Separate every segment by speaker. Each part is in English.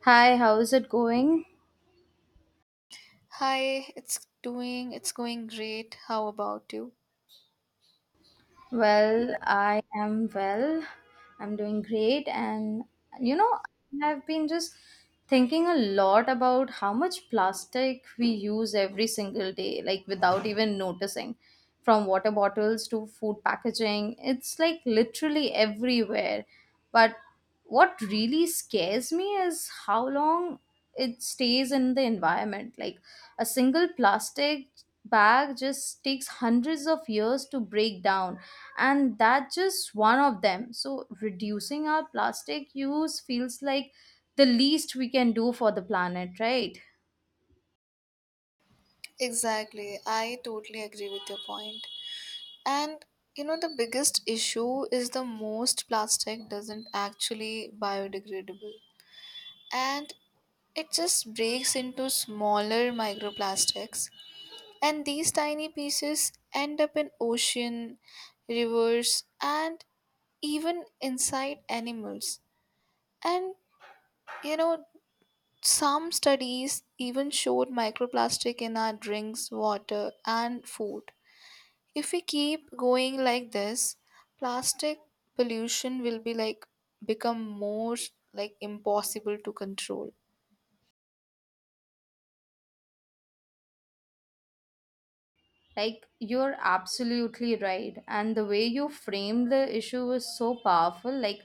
Speaker 1: Hi, how's it going?
Speaker 2: Hi, it's going great. How about you?
Speaker 1: Well, I am well. I'm doing great. You know, I've been just thinking a lot about how much plastic we use every single day, like without even noticing. From water bottles to food packaging, it's like literally everywhere. But what really scares me is how long it stays in the environment, like a single plastic bag just takes hundreds of years to break down, and that's just one of them. So reducing our plastic use feels like the least we can do for the planet, right?
Speaker 2: Exactly. I totally agree with your point. And you know the biggest issue is the most plastic doesn't actually biodegradable, and it just breaks into smaller microplastics, and these tiny pieces end up in ocean, rivers, and even inside animals. And you know some studies even showed microplastic in our drinks, water, and food. If we keep going like this, plastic pollution will be like become more like impossible to control.
Speaker 1: Like, you're absolutely right. And the way you framed the issue was so powerful. Like,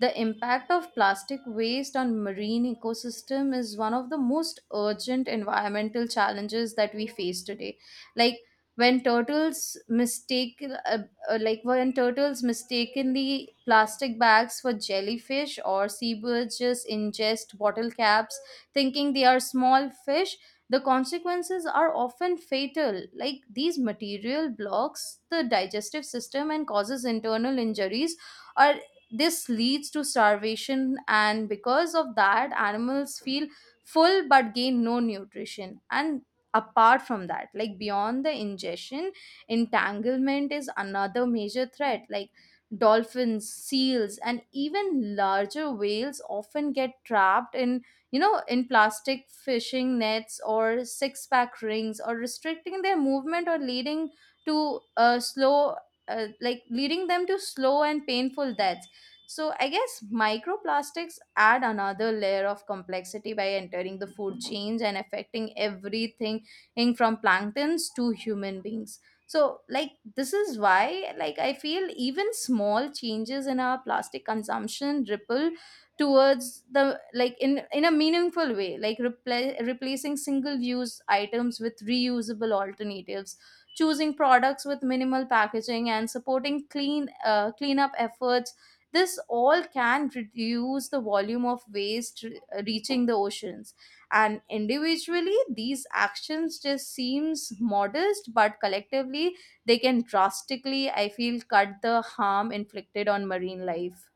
Speaker 1: the impact of plastic waste on marine ecosystem is one of the most urgent environmental challenges that we face today. Like, when turtles mistake, uh, like when turtles mistakenly plastic bags for jellyfish or seabirds just ingest bottle caps, thinking they are small fish, the consequences are often fatal. Like these material blocks the digestive system and causes internal injuries, or this leads to starvation, and because of that animals feel full but gain no nutrition. And apart from that, like beyond the ingestion, entanglement is another major threat. Like dolphins, seals and even larger whales often get trapped in, in plastic fishing nets or six pack rings, or restricting their movement, or to uh, slow, like leading them to slow and painful deaths. So I guess microplastics add another layer of complexity by entering the food chains and affecting everything in from planktons to human beings. So like this is why, like I feel even small changes in our plastic consumption ripple towards the, like in a meaningful way, like replacing single use items with reusable alternatives, choosing products with minimal packaging, and supporting cleanup efforts. This all can reduce the volume of waste reaching the oceans. And individually these actions just seems modest, but collectively they can drastically, I feel, cut the harm inflicted on marine life.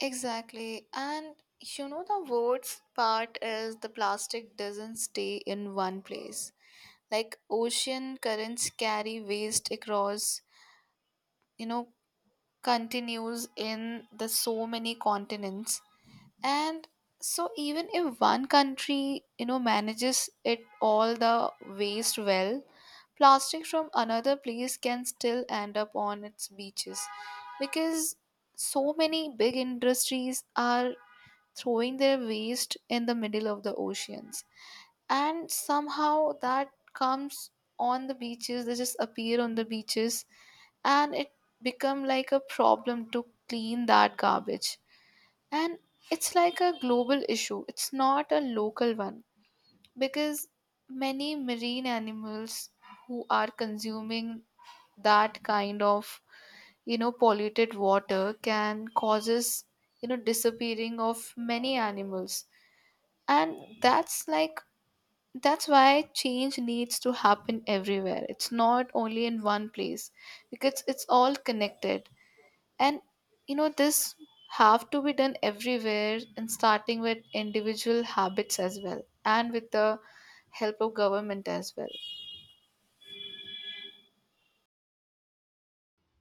Speaker 2: Exactly. And you know the worst part is the plastic doesn't stay in one place. Like ocean currents carry waste across, you know, continues in the so many continents, and so even if one country you know manages it all the waste well, plastic from another place can still end up on its beaches, because so many big industries are throwing their waste in the middle of the oceans, and somehow that comes on the beaches, they just appear on the beaches, and it become like a problem to clean that garbage. And it's like a global issue, it's not a local one, because many marine animals who are consuming that kind of you know polluted water can causes you know disappearing of many animals. And that's like that's why change needs to happen everywhere, it's not only in one place, because it's all connected. And you know this have to be done everywhere, and starting with individual habits as well, and with the help of government as well.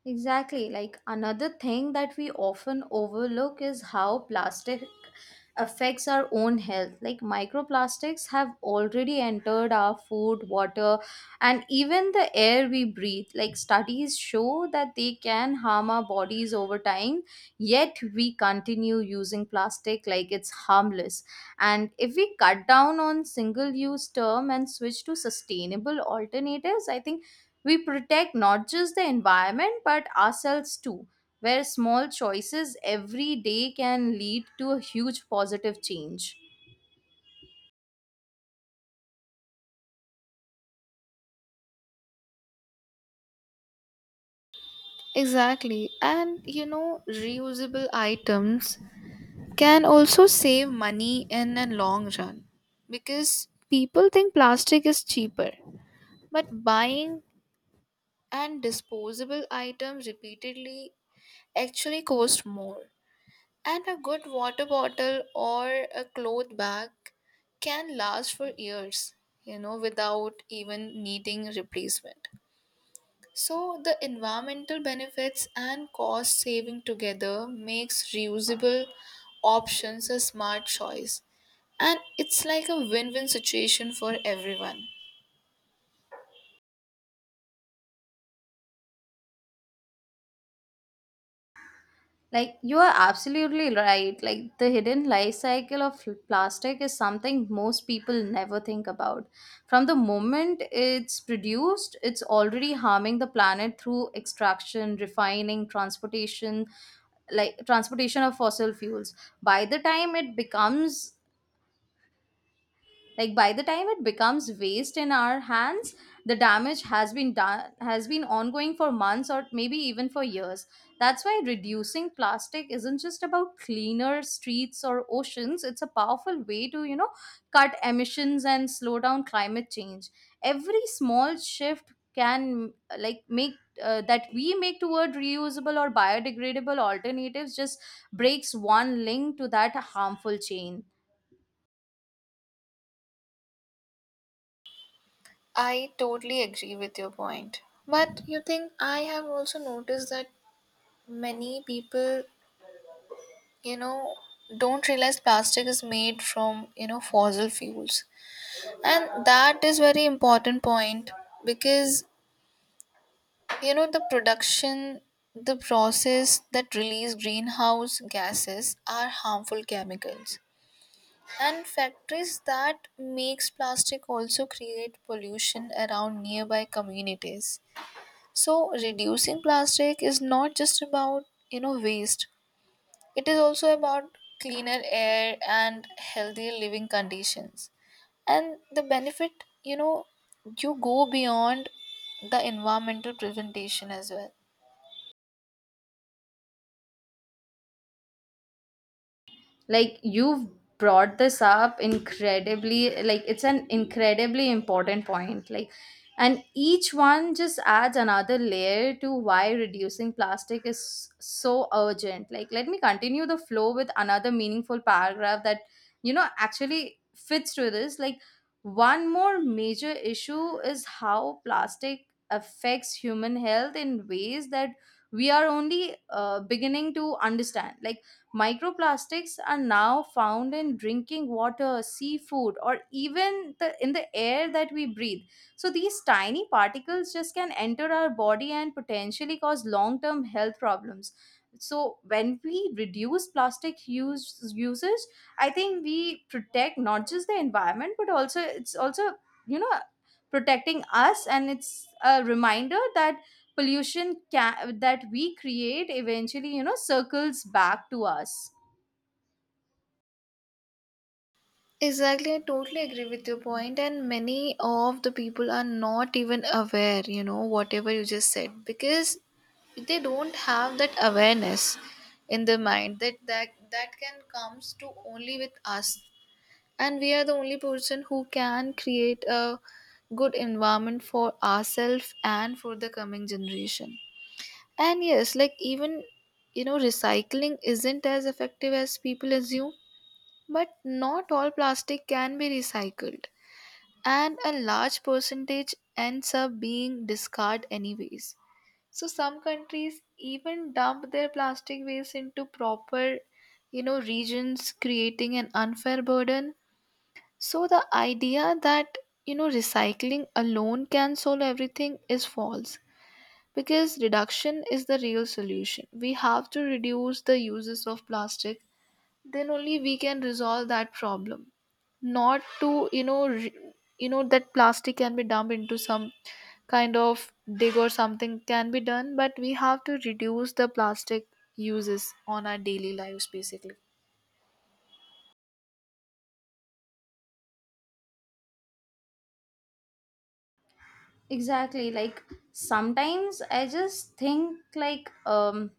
Speaker 1: Exactly. Like another thing that we often overlook is how plastic affects our own health. Like microplastics have already entered our food, water, and even the air we breathe. Like studies show that they can harm our bodies over time, yet we continue using plastic like it's harmless. And if we cut down on single use term and switch to sustainable alternatives, I think we protect not just the environment but ourselves too, where small choices every day can lead to a huge positive change.
Speaker 2: Exactly, and you know reusable items can also save money in a long run, because people think plastic is cheaper, but buying and disposable items repeatedly actually cost more. And a good water bottle or a cloth bag can last for years, you know, without even needing replacement. So the environmental benefits and cost saving together makes reusable options a smart choice. And it's like a win-win situation for everyone.
Speaker 1: Like, you are absolutely right. Like, the hidden life cycle of plastic is something most people never think about. From the moment it's produced, it's already harming the planet through extraction, refining, transportation, like transportation of fossil fuels. By the time it becomes Like by the time it becomes waste in our hands, the damage has been done, has been ongoing for months or maybe even for years. That's why reducing plastic isn't just about cleaner streets or oceans. It's a powerful way to, you know, cut emissions and slow down climate change. Every small shift can, like, make that we make toward reusable or biodegradable alternatives just breaks one link to that harmful chain.
Speaker 2: I totally agree with your point. But you think I have also noticed that many people you know don't realize plastic is made from you know fossil fuels, and that is very important point, because you know the production, the process that release greenhouse gases are harmful chemicals, and factories that makes plastic also create pollution around nearby communities. So reducing plastic is not just about you know waste. It is also about cleaner air and healthier living conditions. And the benefit, you know, you go beyond the environmental presentation as well.
Speaker 1: Like you've brought this up incredibly, like it's an incredibly important point. Like, and each one just adds another layer to why reducing plastic is so urgent. Like, let me continue the flow with another meaningful paragraph that, you know, actually fits to this. Like, one more major issue is how plastic affects human health in ways that we are only beginning to understand. Like microplastics are now found in drinking water, seafood, or even the, in the air that we breathe. So these tiny particles just can enter our body and potentially cause long-term health problems. So when we reduce plastic use usage, I think we protect not just the environment, but also it's also, you know, protecting us. And it's a reminder that that we create eventually, you know, circles back to us.
Speaker 2: Exactly, I totally agree with your point, and many of the people are not even aware, you know, whatever you just said, because they don't have that awareness in their mind that that can comes to only with us, and we are the only person who can create a good environment for ourselves and for the coming generation. And yes, like even you know recycling isn't as effective as people assume, but not all plastic can be recycled, and a large percentage ends up being discarded anyways. So some countries even dump their plastic waste into proper you know regions, creating an unfair burden. So the idea that you know recycling alone can solve everything is false, because reduction is the real solution. We have to reduce the uses of plastic, then only we can resolve that problem. Not to you know re- you know that plastic can be dumped into some kind of dig or something can be done, but we have to reduce the plastic uses on our daily lives basically.
Speaker 1: Exactly, like sometimes I just think like,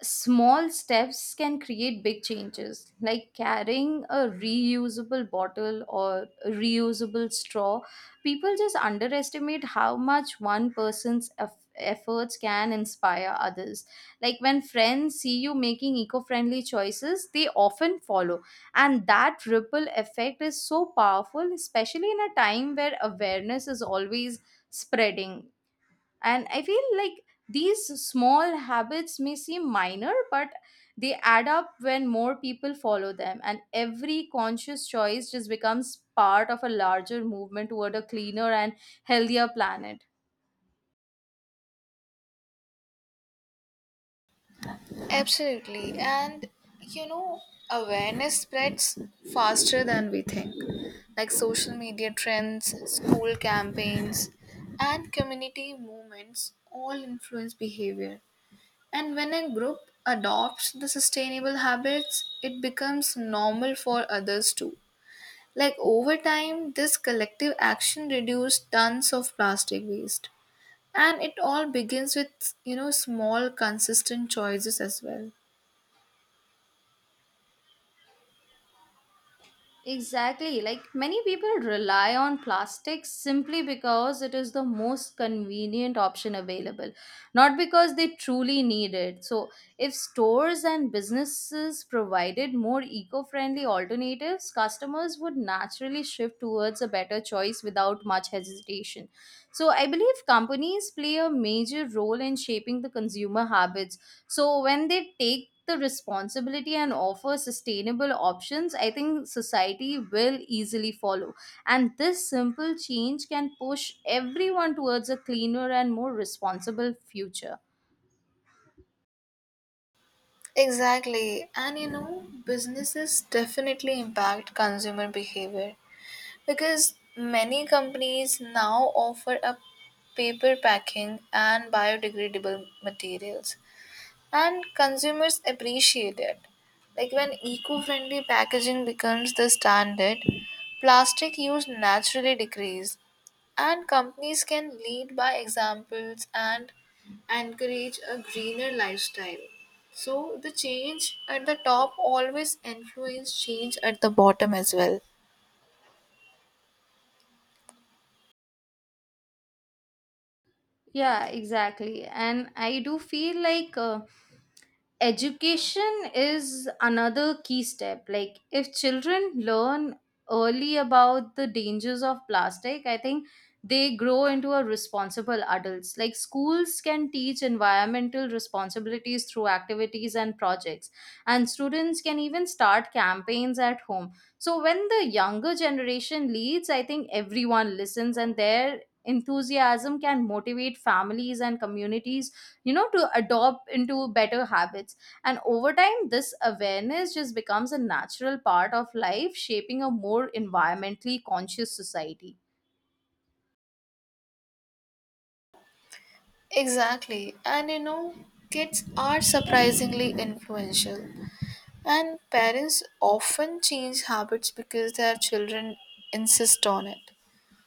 Speaker 1: small steps can create big changes, like carrying a reusable bottle or a reusable straw. People just underestimate how much one efforts can inspire others, like when friends see you making eco-friendly choices, they often follow. And that ripple effect is so powerful, especially in a time where awareness is always spreading. And I feel like these small habits may seem minor, but they add up when more people follow them. And every conscious choice just becomes part of a larger movement toward a cleaner and healthier planet.
Speaker 2: Absolutely. And you know, awareness spreads faster than we think. Like social media trends, school campaigns, and community movements all influence behavior. And when a group adopts the sustainable habits, it becomes normal for others too. Like over time, this collective action reduced tons of plastic waste. And it all begins with, you know, small, consistent choices as well.
Speaker 1: Exactly. Like many people rely on plastics simply because it is the most convenient option available, not because they truly need it. So, if stores and businesses provided more eco friendly alternatives, customers would naturally shift towards a better choice without much hesitation. So, I believe companies play a major role in shaping the consumer habits, so when they take the responsibility and offer sustainable options, I think society will easily follow. And this simple change can push everyone towards a cleaner and more responsible future.
Speaker 2: Exactly. And you know, businesses definitely impact consumer behavior because many companies now offer a paper packing and biodegradable materials, and consumers appreciate it. Like when eco friendly packaging becomes the standard, plastic use naturally decrease, and companies can lead by examples and encourage a greener lifestyle. So, the change at the top always influence change at the bottom as well.
Speaker 1: Yeah, exactly. And I do feel like, education is another key step. Like if children learn early about the dangers of plastic, I think they grow into a responsible adults. Like schools can teach environmental responsibilities through activities and projects, and students can even start campaigns at home. So when the younger generation leads, I think everyone listens, and their enthusiasm can motivate families and communities, you know, to adopt into better habits. And over time this awareness just becomes a natural part of life, shaping a more environmentally conscious society.
Speaker 2: Exactly, and you know, kids are surprisingly influential. And parents often change habits because their children insist on it.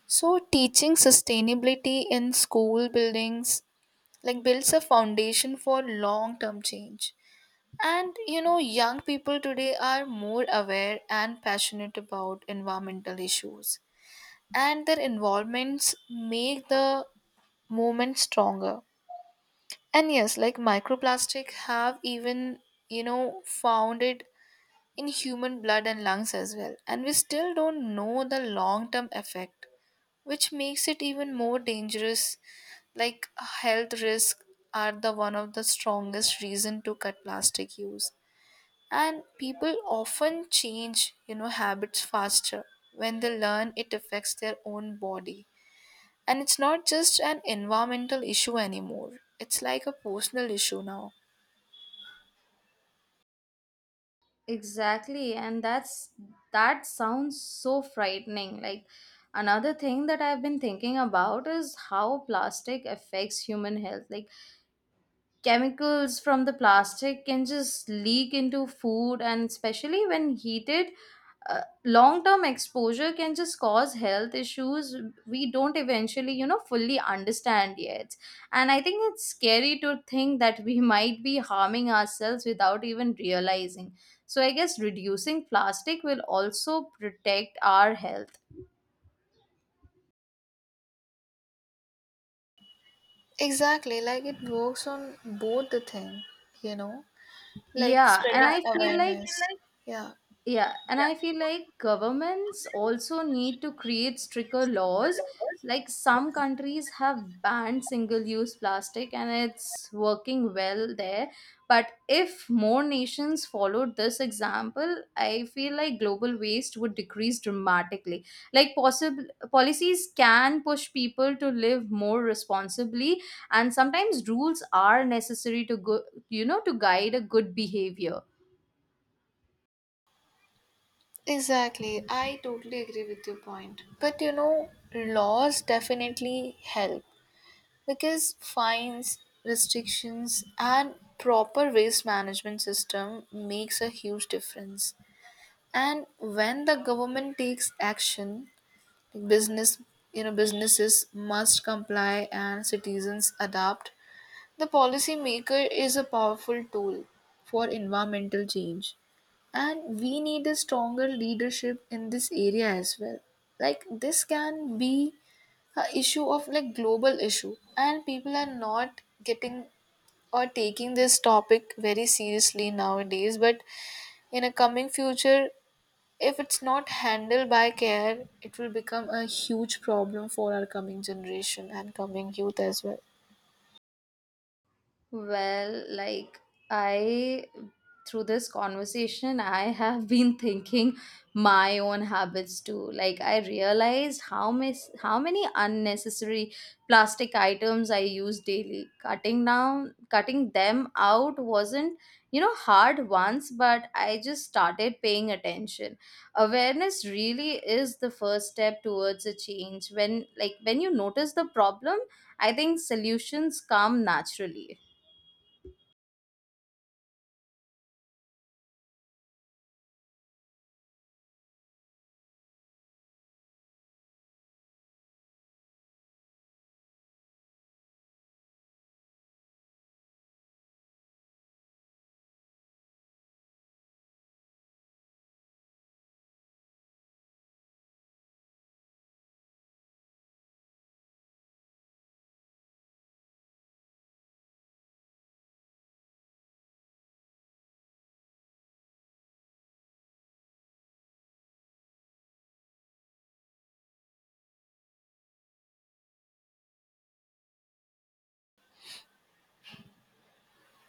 Speaker 2: So, teaching sustainability in school buildings like builds a foundation for long term change. And you know, young people today are more aware and passionate about environmental issues, and their involvements make the movement stronger. And yes, like microplastic have even you know founded in human blood and lungs as well. And we still don't know the long term effect, which makes it even more dangerous. Like health risks are the one of the strongest reason to cut plastic use. And people often change, you know, habits faster when they learn it affects their own body. And it's not just an environmental issue anymore. It's like a personal issue now.
Speaker 1: Exactly, and that's that sounds so frightening. Like another thing that I've been thinking about is how plastic affects human health. Like chemicals from the plastic can just leak into food, and especially when heated, long-term exposure can just cause health issues we don't eventually, you know, fully understand yet. And I think it's scary to think that we might be harming ourselves without even realizing. So I guess reducing plastic will also protect our health.
Speaker 2: Exactly, like it works on both the thing, you know. Like, yeah,
Speaker 1: yeah
Speaker 2: spreading I
Speaker 1: and i
Speaker 2: feel
Speaker 1: feel like
Speaker 2: awareness. Like, yeah,
Speaker 1: Yeah, and I feel like governments also need to create stricter laws. Like some countries have banned single use plastic and it's working well there. But if more nations followed this example, I feel like global waste would decrease dramatically. Like possible policies can push people to live more responsibly, and sometimes rules are necessary to go, you know, to guide a good behavior.
Speaker 2: exactly. I totally agree with your point. But you know, laws definitely help because fines, restrictions, and proper waste management system makes a huge difference. And when the government takes action, like business you know businesses must comply and citizens adapt. The policymaker is a powerful tool for environmental change, and we need a stronger leadership in this area as well. Like this can be a issue of like global issue, and people are not getting or taking this topic very seriously nowadays. But in a coming future, if it's not handled by care, it will become a huge problem for our coming generation and coming youth as well.
Speaker 1: Well, like I, through this conversation, I have been thinking my own habits too. Like I realized how many unnecessary plastic items I use daily. Cutting down, cutting them out wasn't, you know, hard once, but I just started paying attention. Awareness really is the first step towards a change. When like when you notice the problem, I think solutions come naturally.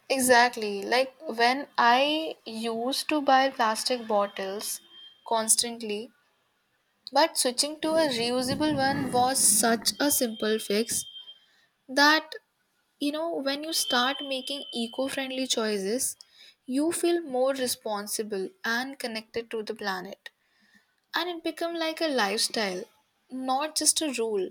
Speaker 2: Exactly. Like when I used to buy plastic bottles constantly, but switching to a reusable one was such a simple fix that you know when you start making eco-friendly choices, you feel more responsible and connected to the planet. And it become like a lifestyle, not just a rule,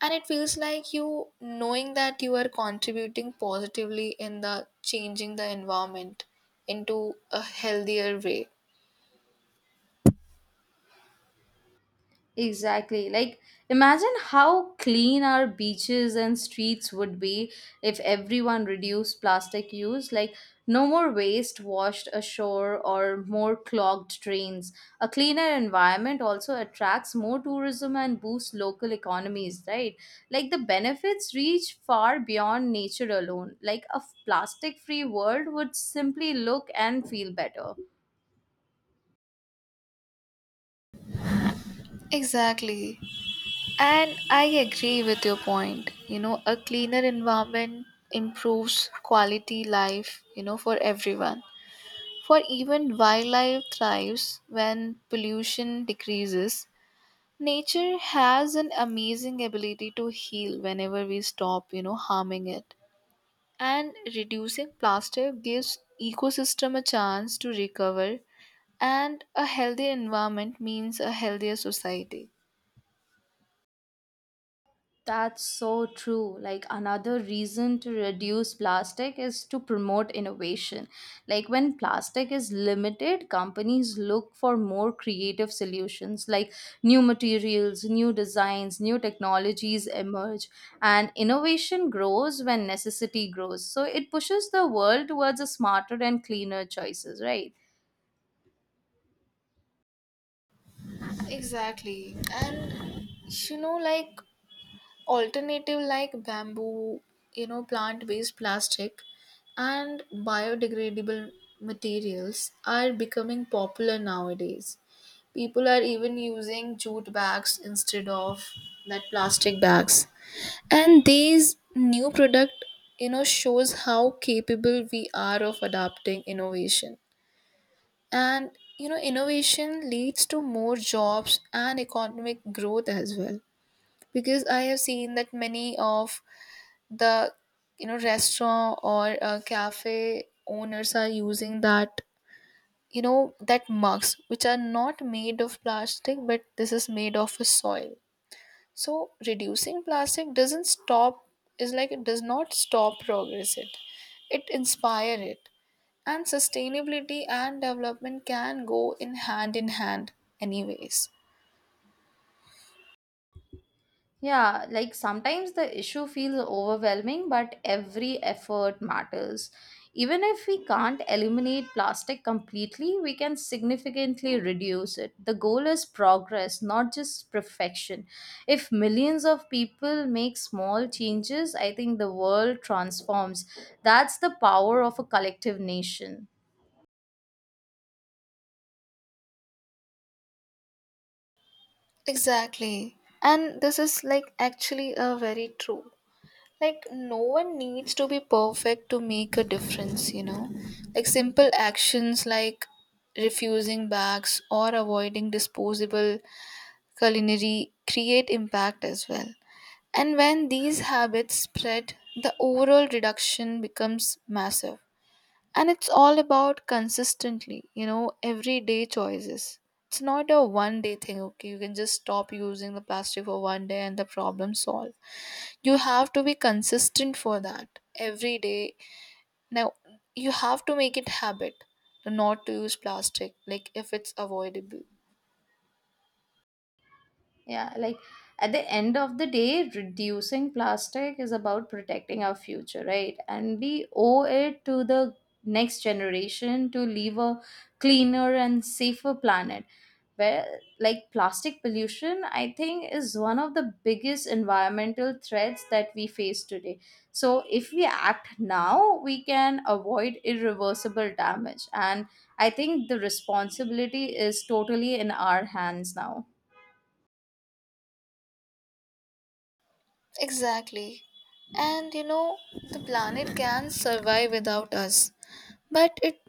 Speaker 2: and it feels like you knowing that you are contributing positively in the changing the environment into a healthier way.
Speaker 1: Exactly. Like, imagine how clean our beaches and streets would be if everyone reduced plastic use. Like, no more waste washed ashore or more clogged drains. A cleaner environment also attracts more tourism and boosts local economies, right? Like, the benefits reach far beyond nature alone. Like, a plastic free world would simply look and feel better.
Speaker 2: Exactly, and I agree with your point, you know a cleaner environment improves quality life, you know, for everyone, for even wildlife thrives when pollution decreases. Nature has an amazing ability to heal whenever we stop you know harming it, and reducing plastic gives ecosystem a chance to recover, and a healthy environment means a healthier society.
Speaker 1: That's so true. Like another reason to reduce plastic is to promote innovation. Like when plastic is limited, companies look for more creative solutions, like new materials, new designs, new technologies emerge, and innovation grows when necessity grows. So it pushes the world towards a smarter and cleaner choices, right?
Speaker 2: Exactly, and you know like alternative like bamboo, you know, plant based plastic, and biodegradable materials are becoming popular nowadays. People are even using jute bags instead of that plastic bags. And these new product, you know, shows how capable we are of adapting innovation. And you know, innovation leads to more jobs and economic growth as well. Because I have seen that many of the you know restaurant or cafe owners are using that you know that mugs which are not made of plastic but this is made of a soil. So reducing plastic doesn't stop, is like it does not stop progress it. It inspire it. And sustainability and development can go in hand anyways.
Speaker 1: Yeah, like sometimes the issue feels overwhelming, but every effort matters. Even if we can't eliminate plastic completely, we can significantly reduce it. The goal is progress, not just perfection. If millions of people make small changes, I think the world transforms. That's the power of a collective nation.
Speaker 2: Exactly. And this is like actually a very true. Like no one needs to be perfect to make a difference, you know. Like simple actions like refusing bags or avoiding disposable culinary create impact as well. And when these habits spread, the overall reduction becomes massive. And it's all about consistently, you know, everyday choices. It's not a one day thing, okay? You can just stop using the plastic for one day and the problem solved. You have to be consistent for that every day. Now, you have to make it habit to not to use plastic, like if it's avoidable.
Speaker 1: Yeah, like at the end of the day, reducing plastic is about protecting our future, right? And we owe it to the next generation to leave a cleaner and safer planet. Where, like, plastic pollution, I think, is one of the biggest environmental threats that we face today. So, if we act now, we can avoid irreversible damage. And I think the responsibility is totally in our hands now.
Speaker 2: Exactly. And you know, the planet can survive without us, but it,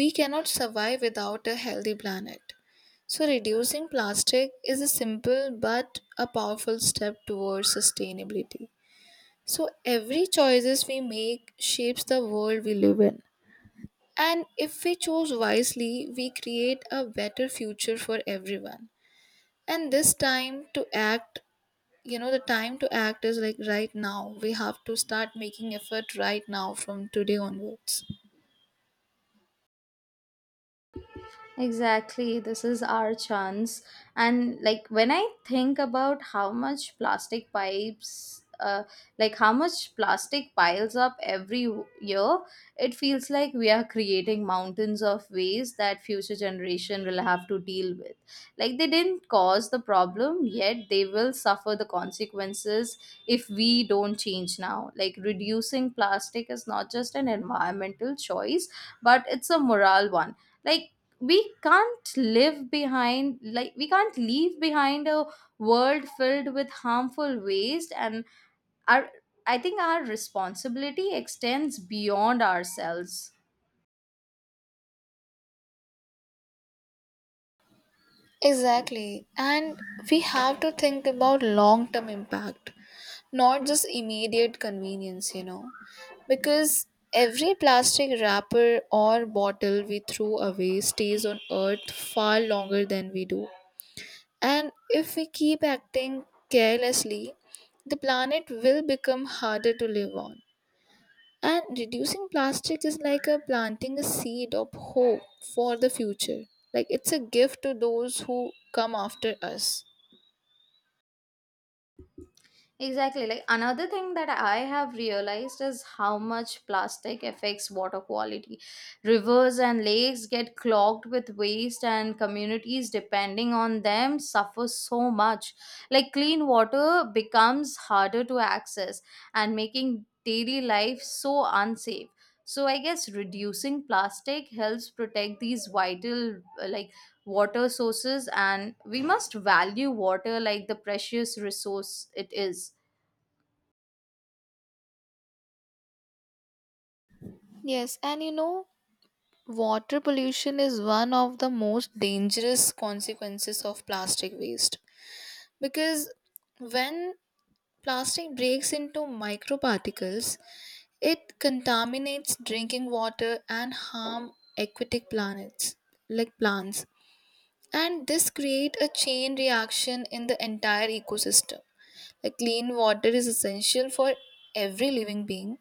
Speaker 2: we cannot survive without a healthy planet. So, reducing plastic is a simple but a powerful step towards sustainability. So, every choices we make shapes the world we live in. And if we choose wisely, we create a better future for everyone. And this time to act, you know, the time to act is like right now. We have to start making effort right now from today onwards.
Speaker 1: Exactly, this is our chance. And like when I think about how like how much plastic piles up every year, it feels like we are creating mountains of waste that future generation will have to deal with. Like they didn't cause the problem, yet they will suffer the consequences if we don't change now. Like reducing plastic is not just an environmental choice, but it's a moral one. Like we can't leave behind a world filled with harmful waste. And our, I think our responsibility extends beyond ourselves.
Speaker 2: Exactly. And we have to think about long term impact, not just immediate convenience, you know. Because every plastic wrapper or bottle we throw away stays on Earth far longer than we do. And if we keep acting carelessly, the planet will become harder to live on. And reducing plastic is like a planting a seed of hope for the future. Like it's a gift to those who come after us.
Speaker 1: Exactly. Like another thing that I have realized is how much plastic affects water quality. Rivers and lakes get clogged with waste, and communities depending on them suffer so much. Like clean water becomes harder to access, and making daily life so unsafe. So I guess reducing plastic helps protect these vital like water sources, and we must value water like the precious resource it is.
Speaker 2: Yes, and you know, water pollution is one of the most dangerous consequences of plastic waste, because when plastic breaks into microparticles, it contaminates drinking water and harm aquatic planets like plants, and this create a chain reaction in the entire ecosystem. Like clean water is essential for every living being,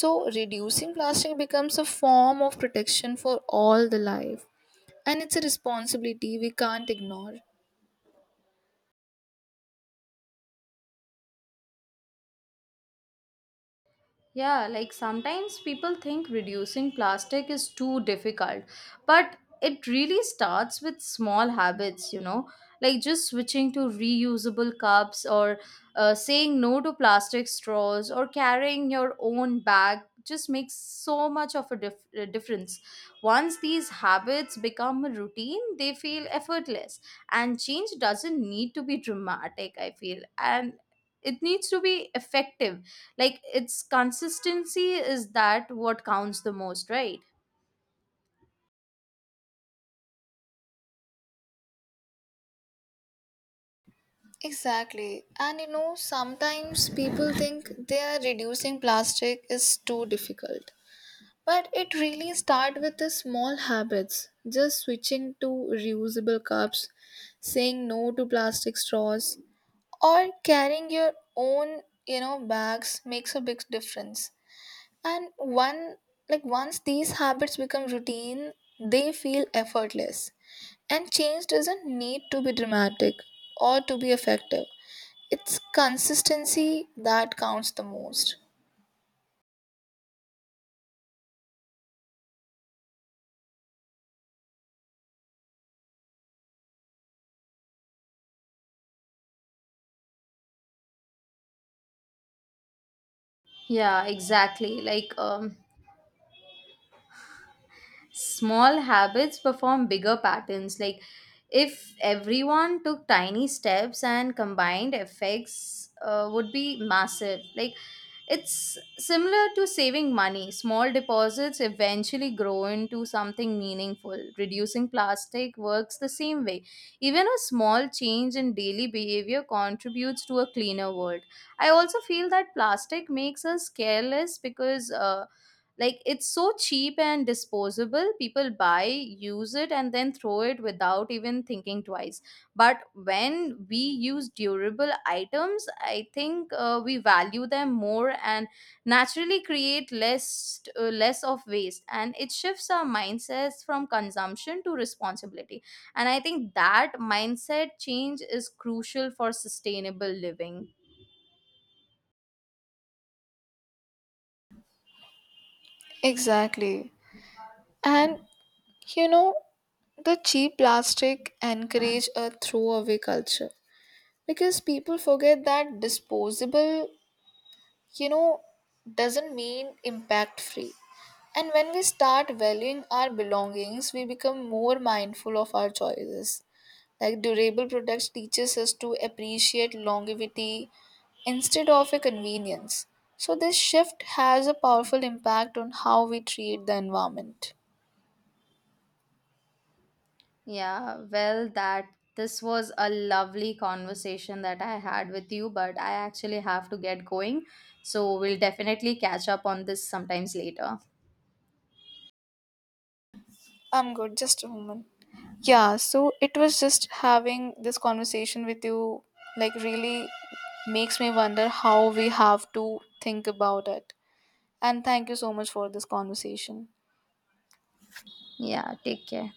Speaker 2: so reducing plastic becomes a form of protection for all the life, and it's a responsibility we can't ignore.
Speaker 1: Yeah, like sometimes people think reducing plastic is too difficult, but it really starts with small habits, you know, like just switching to reusable cups or, saying no to plastic straws, or carrying your own bag just makes so much of a a difference. Once these habits become a routine, they feel effortless, and change doesn't need to be dramatic, I feel. And it needs to be effective, like its consistency is that what counts the most, right?
Speaker 2: Exactly, and you know sometimes people think they are reducing plastic is too difficult. But it really starts with the small habits, just switching to reusable cups, saying no to plastic straws, or carrying your own, you know, bags makes a big difference. And one like once these habits become routine, they feel effortless. And change doesn't need to be dramatic or to be effective. It's consistency that counts the most.
Speaker 1: Yeah, exactly, like, small habits perform bigger patterns. Like if everyone took tiny steps and combined effects would be massive. Like it's similar to saving money. Small deposits eventually grow into something meaningful. Reducing plastic works the same way. Even a small change in daily behavior contributes to a cleaner world. I also feel that plastic makes us careless because, like it's so cheap and disposable. People buy, use it, and then throw it without even thinking twice. But when we use durable items, I think, we value them more and naturally create less of waste. And it shifts our mindsets from consumption to responsibility. And I think that mindset change is crucial for sustainable living.
Speaker 2: Exactly. And you know, the cheap plastic encourage a throwaway culture, because people forget that disposable, you know, doesn't mean impact free. And when we start valuing our belongings, we become more mindful of our choices. Like durable products teaches us to appreciate longevity instead of a convenience. So this shift has a powerful impact on how we treat the environment.
Speaker 1: Yeah, well, that this was a lovely conversation that I had with you, but I actually have to get going. So we'll definitely catch up on this sometimes later.
Speaker 2: I'm good, just a moment. Yeah, so it was just having this conversation with you, like, really makes me wonder how we have to think about it. And thank you so much for this conversation.
Speaker 1: Yeah, take care.